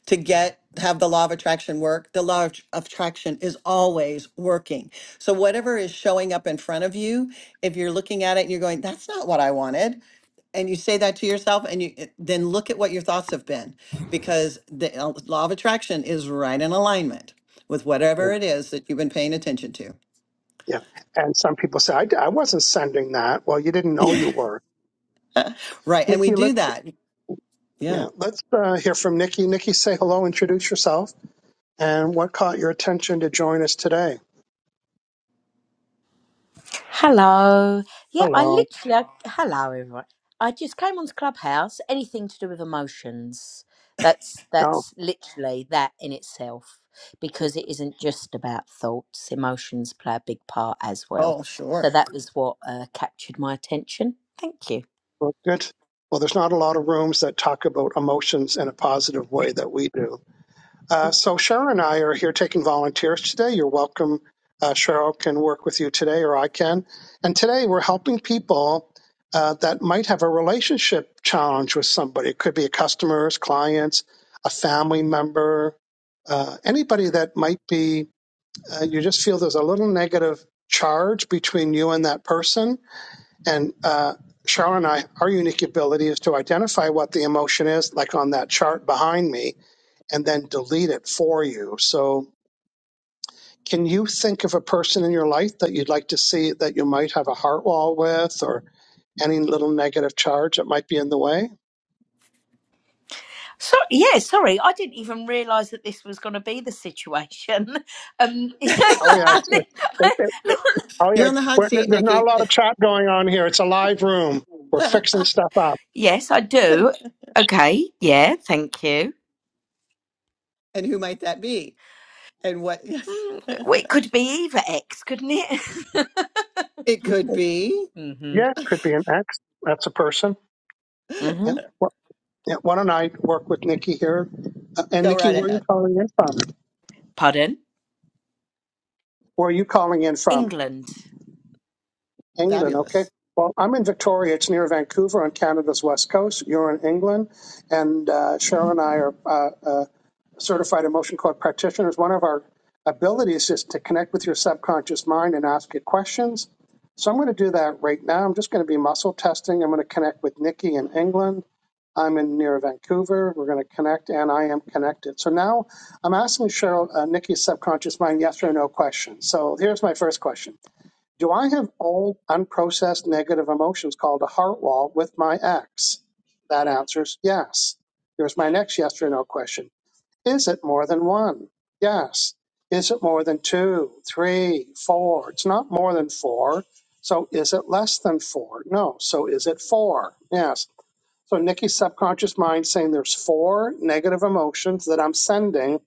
S2: to get have the law of attraction work, the law of of attraction is always working. So whatever is showing up in front of you, if you're looking at it and you're going, that's not what I wanted, and you say that to yourself and you it- then look at what your thoughts have been because the uh, law of attraction is right in alignment with
S1: Yeah,
S2: whatever it is that you've been paying attention to.
S1: yeah. And some people say, I, d- I wasn't sending that. Well, you didn't know
S2: Yeah.
S1: you were.
S2: Right. And we
S1: Nikki,
S2: do
S1: let's,
S2: that. Yeah.
S1: yeah, let's uh, hear from Nikki. Nikki, say hello, introduce yourself, and what caught your attention to join us today?
S8: Hello. Yeah, I
S1: Hello.
S8: literally. I, hello, everyone. I just came onto Clubhouse. Anything to do with emotions. That's
S1: No,
S8: that's literally that in itself, because it isn't just about thoughts. Emotions play a big part as well.
S2: Oh,
S8: So
S2: sure.
S8: that was what uh, captured my attention. Thank you.
S1: well, good. Well, there's not a lot of rooms that talk about emotions in a positive way that we do. Uh, so Cheryl and I are here taking volunteers today. You're welcome. Uh, Cheryl can work with you today, or I can. And today we're helping people uh, that might have a relationship challenge with somebody. It could be a customers, clients, a family member, uh, anybody that might be. Uh, you just feel there's a little negative charge between you and that person And uh, Cheryl and I, our unique ability is to identify what the emotion is, like on that chart behind me, and then delete it for you. So, can you think of a person in your life that you'd like to see that you might have a heart wall with, or any little negative charge that might be in the way?
S8: So yeah, sorry, I didn't even realise that this was going to be the situation. Um,
S1: Oh yeah, it's, it's, it, it, it- oh yeah.
S2: You're on
S1: it's-
S2: the hot
S1: we're- there-
S2: seat,
S1: There's not a
S2: Nikki.
S1: lot of chat going on here. It's a live room. We're fixing stuff up.
S8: yes, I do. Okay, yeah, thank you.
S2: And who might that be? And what? Yes,
S8: Mm, Well, it could be either X, couldn't it?
S2: it could be.
S8: hmm
S1: Yeah, could be an ex. That's a person. Yeah.
S8: hmm
S1: Yeah, why don't I work with Nikki here? Uh, and
S2: Go
S1: Nikki,
S2: right
S1: where are you
S2: ahead.
S1: calling in from?
S8: Pardon?
S1: Where are you calling in from?
S8: England.
S1: England, okay.
S2: Fabulous.
S1: Well, I'm in Victoria. It's near Vancouver on Canada's west coast. You're in England, and uh, Cheryl and I are uh, uh, certified emotion code practitioners. One of our abilities is to connect with your subconscious mind and ask it questions. So I'm going to do that right now. I'm just going to be muscle testing. I'm going to connect with Nikki in England. I'm in near Vancouver. We're going to connect, and I am connected. So now I'm asking Cheryl uh, Nikki's subconscious mind yes or no question. So here's my first question Do I have old, unprocessed negative emotions called a heart wall with my ex? That answers yes. Here's my next yes or no question Is it more than one? Yes. Is it more than two, three, four? It's not more than four. So is it less than four? No. So is it four? Yes. So Nikki's subconscious mind saying there's four negative emotions that I'm sending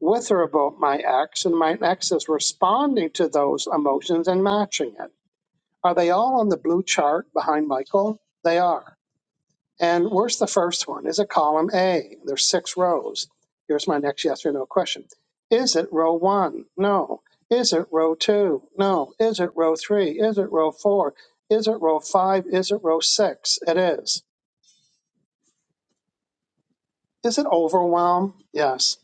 S1: with or about my ex, and my ex is responding to those emotions and matching it. Are they all on the blue chart behind Michael? They are. And where's the first one? Is it column A? There's six rows. Here's my next yes or no question. Is it row one? No. Is it row two? No. Is it row three? Is it row four? Is it row five? Is it row six? It is. Is it overwhelm? Yes.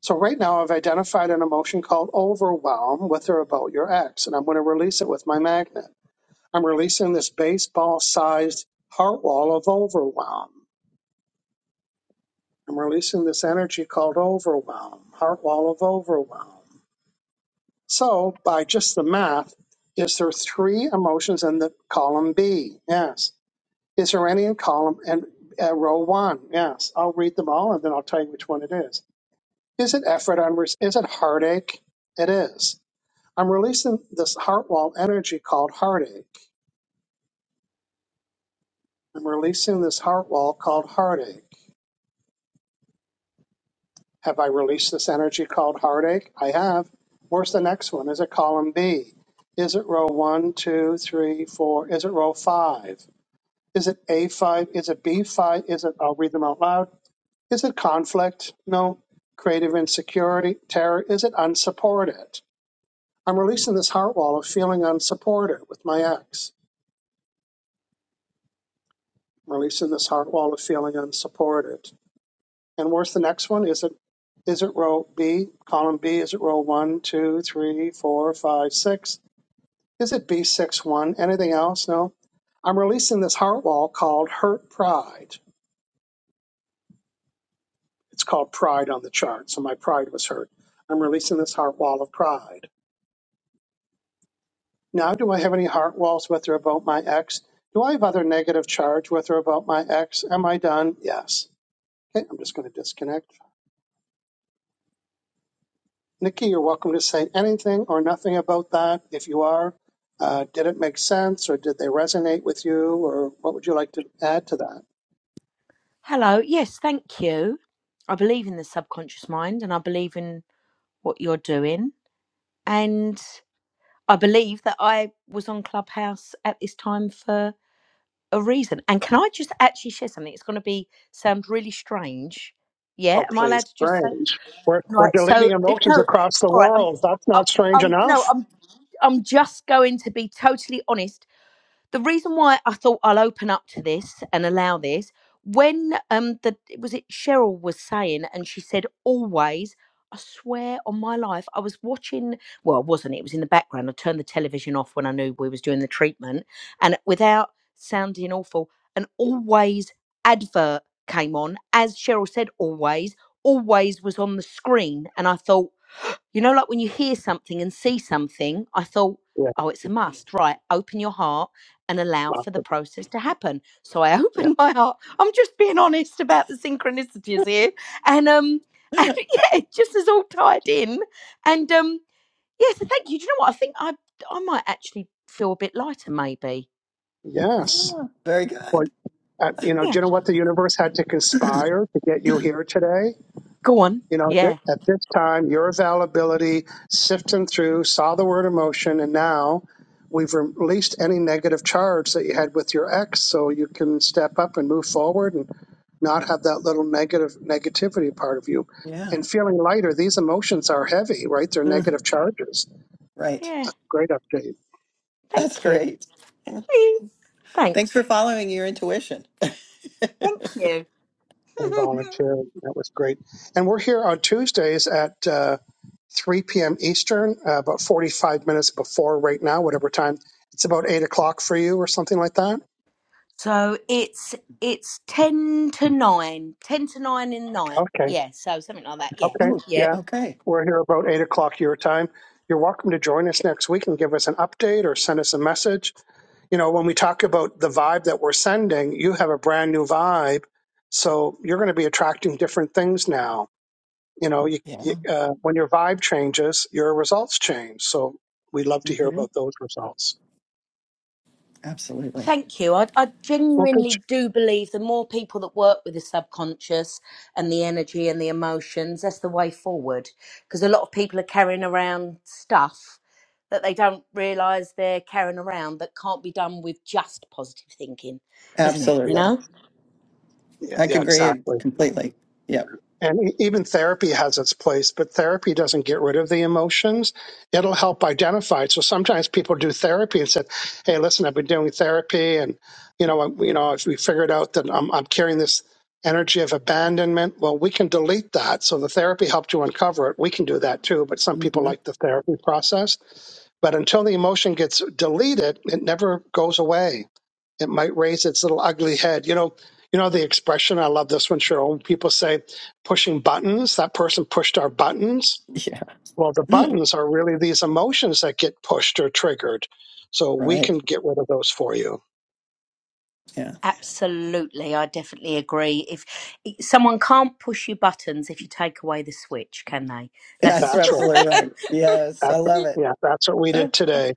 S1: So right now I've identified an emotion called overwhelm with or about your ex, and I'm going to release it with my magnet. I'm releasing this baseball-sized heart wall of overwhelm. I'm releasing this energy called overwhelm, heart wall of overwhelm. So by just the math, is there three emotions in the column B? Yes. Is there any in column and uh, row one? Yes. I'll read them all and then I'll tell you which one it is. Is it effort? I'm re- is it heartache? It is. I'm releasing this heart wall energy called heartache. I'm releasing this heart wall called heartache. Have I released this energy called heartache? I have. Where's the next one? Is it column B? Is it row one, two, three, four? Is it row five? Is it A5? Is it B5? Is it, I'll read them out loud. Is it conflict? No. Creative insecurity? Terror? Is it unsupported? I'm releasing this heart wall of feeling unsupported with my ex. I'm releasing this heart wall of feeling unsupported. And where's the next one? Is it is it row B, column B? Is it row one, two, three, four, five, six? Is it B six one? Anything else? No. I'm releasing this heart wall called hurt pride. It's called pride on the chart. So my pride was hurt. I'm releasing this heart wall of pride. Now, do I have any heart walls with or about my ex? Do I have other negative charge with or about my ex? Am I done? Yes. Okay, I'm just going to disconnect. Nikki, you're welcome to say anything or nothing about that if you are. Uh, did it make sense or did they resonate with you or what would you like to add to that?
S8: Hello. Yes, thank you. I believe in the subconscious mind and I believe in what you're doing. And I believe that I was on Clubhouse at this time for a reason. And can I just actually share something? It's going to be sound really strange. Yeah,
S1: Oh,
S8: am I
S1: please,
S8: allowed to just say?
S1: strange. We're, we're
S8: Right.
S1: deleting
S8: So
S1: emotions
S8: no.
S1: across the
S8: All right. I'm.
S1: world. That's
S8: I'm.
S1: not strange
S8: I'm no.
S1: enough.
S8: I'm. I'm just going to be totally honest the reason why I thought I'll open up to this and allow this when um the was it Cheryl was saying and she said always I swear on my life I was watching well I wasn't it was in the background I turned the television off when I knew we was doing the treatment and without sounding awful an always advert came on as Cheryl said always always was on the screen and I thought you know, like when you hear something and see something, I thought,
S1: Yeah,
S8: oh, it's a must, right? Open your heart and allow
S1: lots
S8: for the
S1: of,
S8: process to happen. So I
S1: yeah.
S8: opened my heart. I'm just being honest about the synchronicities here. And um and yeah, it just is all tied in. And um yeah, so thank you. Do you know what? I think I I might actually feel a bit lighter maybe.
S1: Yes.
S2: Ah, very
S1: Well,
S2: good.
S1: uh, you know, do
S8: Yeah.
S1: you know what the universe had to conspire to get you here today?
S8: Go on.
S1: You know, th-
S8: Yeah.
S1: at this time, your availability, sifting through, saw the word emotion, and now we've released any negative charge that you had with your ex so you can step up and move forward and not have that little negative negativity part of you.
S2: Yeah.
S1: And feeling lighter, these emotions are heavy, right? They're
S2: Mm,
S1: negative charges.
S2: right.
S8: Yeah.
S1: Great update.
S2: That's
S8: Thank you.
S2: great. Yeah.
S8: Please.
S2: Thanks
S8: Thanks.
S2: for following your intuition.
S8: Thank
S1: and
S8: you.
S1: volunteer. That was great. And we're here on Tuesdays at uh, 3 p.m. Eastern, uh, about 45 minutes before right now, whatever time. It's about 8 o'clock for you or something like that.
S8: So it's it's ten to nine, ten to nine in the night.
S1: Okay.
S8: Yeah, so something like that. Yeah,
S1: Okay.
S2: Oh,
S8: yep.
S1: Yeah.
S2: okay.
S1: We're here about 8 o'clock your time. You're welcome to join us next week and give us an update or send us a message. You know, when we talk about the vibe that we're sending, you have a brand new vibe. So you're going to be attracting different things now. you know, you,
S2: Yeah.
S1: you, uh, when your vibe changes, your results change. So we would love to hear
S2: hmm
S1: about those results.
S2: Absolutely.
S8: Thank you. I, I
S1: Well, good.
S8: genuinely do believe the more people that work with the subconscious and the energy and the emotions, that's the way forward. Because a lot of people are carrying around stuff that they don't realise they're carrying around that can't be done with just positive thinking, isn't it? You
S1: Yeah,
S2: Absolutely.
S8: know?
S1: yeah,
S2: I could
S1: yeah,
S2: agree
S1: exactly.
S2: completely. Yep.
S1: and e- even therapy has its place but therapy doesn't get rid of the emotions it'll help identify it so sometimes people do therapy and said hey listen i've been doing therapy and you know I- you know if we figured out that i'm, I'm carrying this energy of abandonment well we can delete that so the therapy helped you uncover it we can do that too but some people
S2: hmm
S1: like the therapy process but until the emotion gets deleted it never goes away it might raise its little ugly head. You know, you know the expression. I love this one, Cheryl. People say pushing buttons. That person pushed our buttons.
S2: Yeah.
S1: Well, the buttons are really these emotions that get pushed or triggered. So we
S2: right.
S1: can get rid of those for you.
S2: Yeah.
S8: Absolutely, I definitely agree. If someone can't push your buttons if you take away the switch, can they?
S2: That's
S8: That's
S1: That's right.
S2: absolutely right. Yes.
S1: That,
S2: I love it.
S1: yeah, that's what we did today.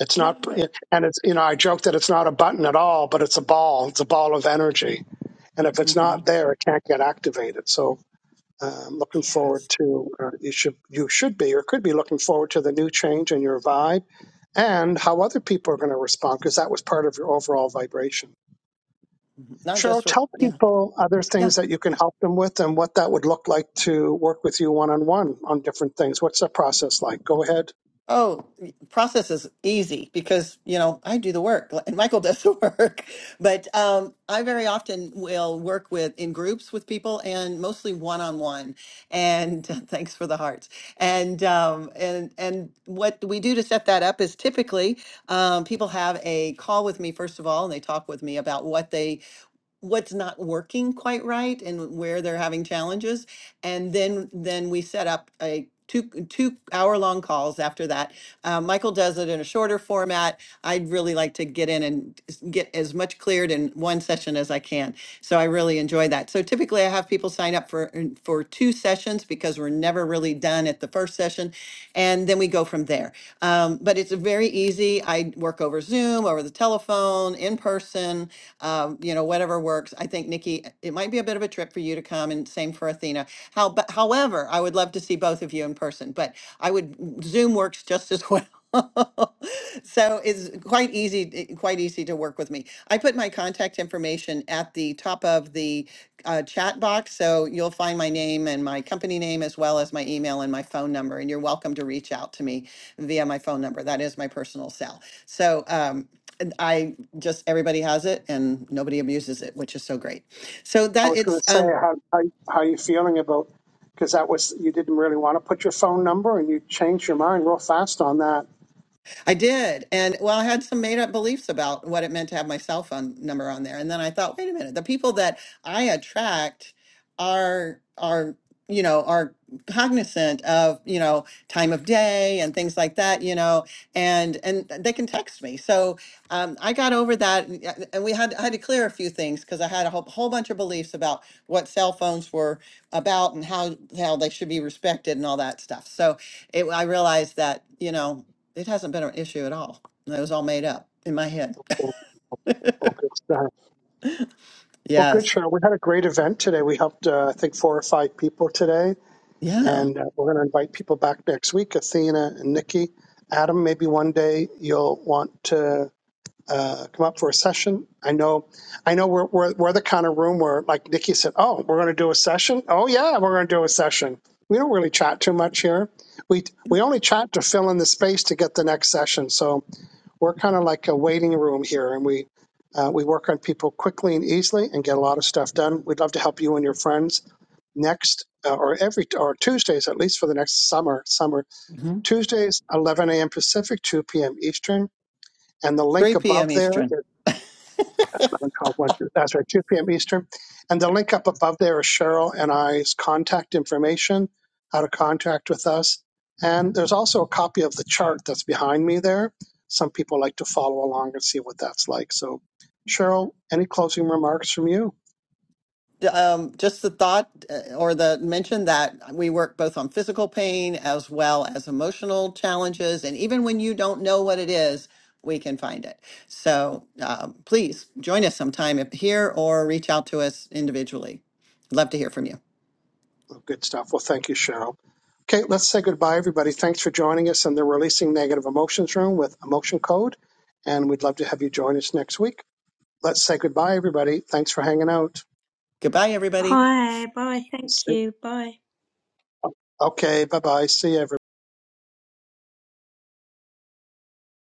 S1: It's not, and it's you know I joke that it's not a button at all, but it's a ball. It's a ball of energy, and if it's
S2: hmm
S1: not there, it can't get activated. So Um, looking
S2: Yes.
S1: forward to uh, you should you should be or could be looking forward to the new change in your vibe and how other people are going to respond because that was part of your overall vibration.
S2: Mhm. Not
S1: Cheryl,
S2: just with,
S1: tell
S2: Yeah.
S1: people other
S2: yeah.
S1: things that you can help them with and what that would look like to work with you one on one on different things. What's the process like? Go ahead.
S2: Oh, process is easy because, you know, I do the work and Michael does the work. But um, I very often will work with in groups with people and mostly one on one. And thanks for the hearts. And um, and and what we do to set that up is typically um, people have a call with me first of all, and they talk with me about what they what's not working quite right and where they're having challenges. And then then we set up a two two hour long calls after that. Uh, Michael does it in a shorter format. I'd really like to get in and s- get as much cleared in one session as I can. So I really enjoy that. So typically I have people sign up for in- for two sessions because we're never really done at the first session, and then we go from there. Um, but it's very easy. I work over Zoom. Zoom, over the telephone, in person, um, you know, whatever works. I think Nikki, it might be a bit of a trip for you to come and same for Athena. How, but however, I would love to see both of you in person, but I would, Zoom works just as well. So it's quite easy, eh, quite easy to work with me. I put my contact information at the top of the uh, chat box, so you'll find my name and my company name as well as my email and my phone number. And you're welcome to reach out to me via my phone number. That is my personal cell. So, um, and I just everybody has it and nobody abuses it, which is so great. So
S1: I
S2: that
S1: was going
S2: it's
S1: to say
S2: um,
S1: how how how you feeling about because that was you didn't really want to put your phone number and you changed your mind real fast on that.
S2: I did. And well, I had some made up beliefs about what it meant to have my cell phone number on there. And then I thought, wait a minute, the people that I attract are are you know are cognizant of you know time of day and things like that you know and and they can text me so um, i got over that and uh, and we had I had to clear a few things because i had a whole, whole bunch of beliefs about what cell phones were about and how how they should be respected and all that stuff so it, I realized that you know it hasn't been an issue at all. It was all made up in my head.
S1: Well, well, good stuff. Well, good
S2: Yes.
S1: show. We had a great event today. We helped uh, I think four or five people today,
S2: Yeah.
S1: and uh, we're going to invite people back next week. Athena and Nikki, Adam. Maybe one day you'll want to. uh, come up for a session. I know, I know we're, we're, we're the kind of room where, like Nikki said, oh, we're going to do a session. Oh yeah, we're going to do a session. We don't really chat too much here. We, we only chat to fill in the space to get the next session. So we're kind of like a waiting room here and we, uh, we work on people quickly and easily and get a lot of stuff done. We'd love to help you and your friends next uh, or every or Tuesdays, at least for the next summer, summer
S2: hmm
S1: Tuesdays, 11 a.m. Pacific, 2 p.m. Eastern. And the link
S2: 3
S1: above
S2: p.m.
S1: there.
S2: Eastern.
S1: 11, 12, 1, uh, 2 p.m. Eastern. And the link up above there is Cheryl and I's contact information, how to contact with us. And there's also a copy of the chart that's behind me there. Some people like to follow along and see what that's like. So, Cheryl, any closing remarks from you?
S2: D- Um, just the thought uh, or the mention that we work both on physical pain as well as emotional challenges. And even when you don't know what it is, we can find it. So um, please join us sometime if here or reach out to us individually. Love to hear from you.
S1: Well, Good stuff. Well, thank you, Cheryl. Okay, let's say goodbye, everybody. Thanks for joining us in the Releasing Negative Emotions Room with Emotion Code. And we'd love to have you join us next week. Let's say goodbye, everybody. Thanks for hanging out.
S2: Goodbye, everybody.
S8: Bye, bye. Thank
S1: See-
S8: you. Bye.
S1: Okay, bye bye. See you, everybody.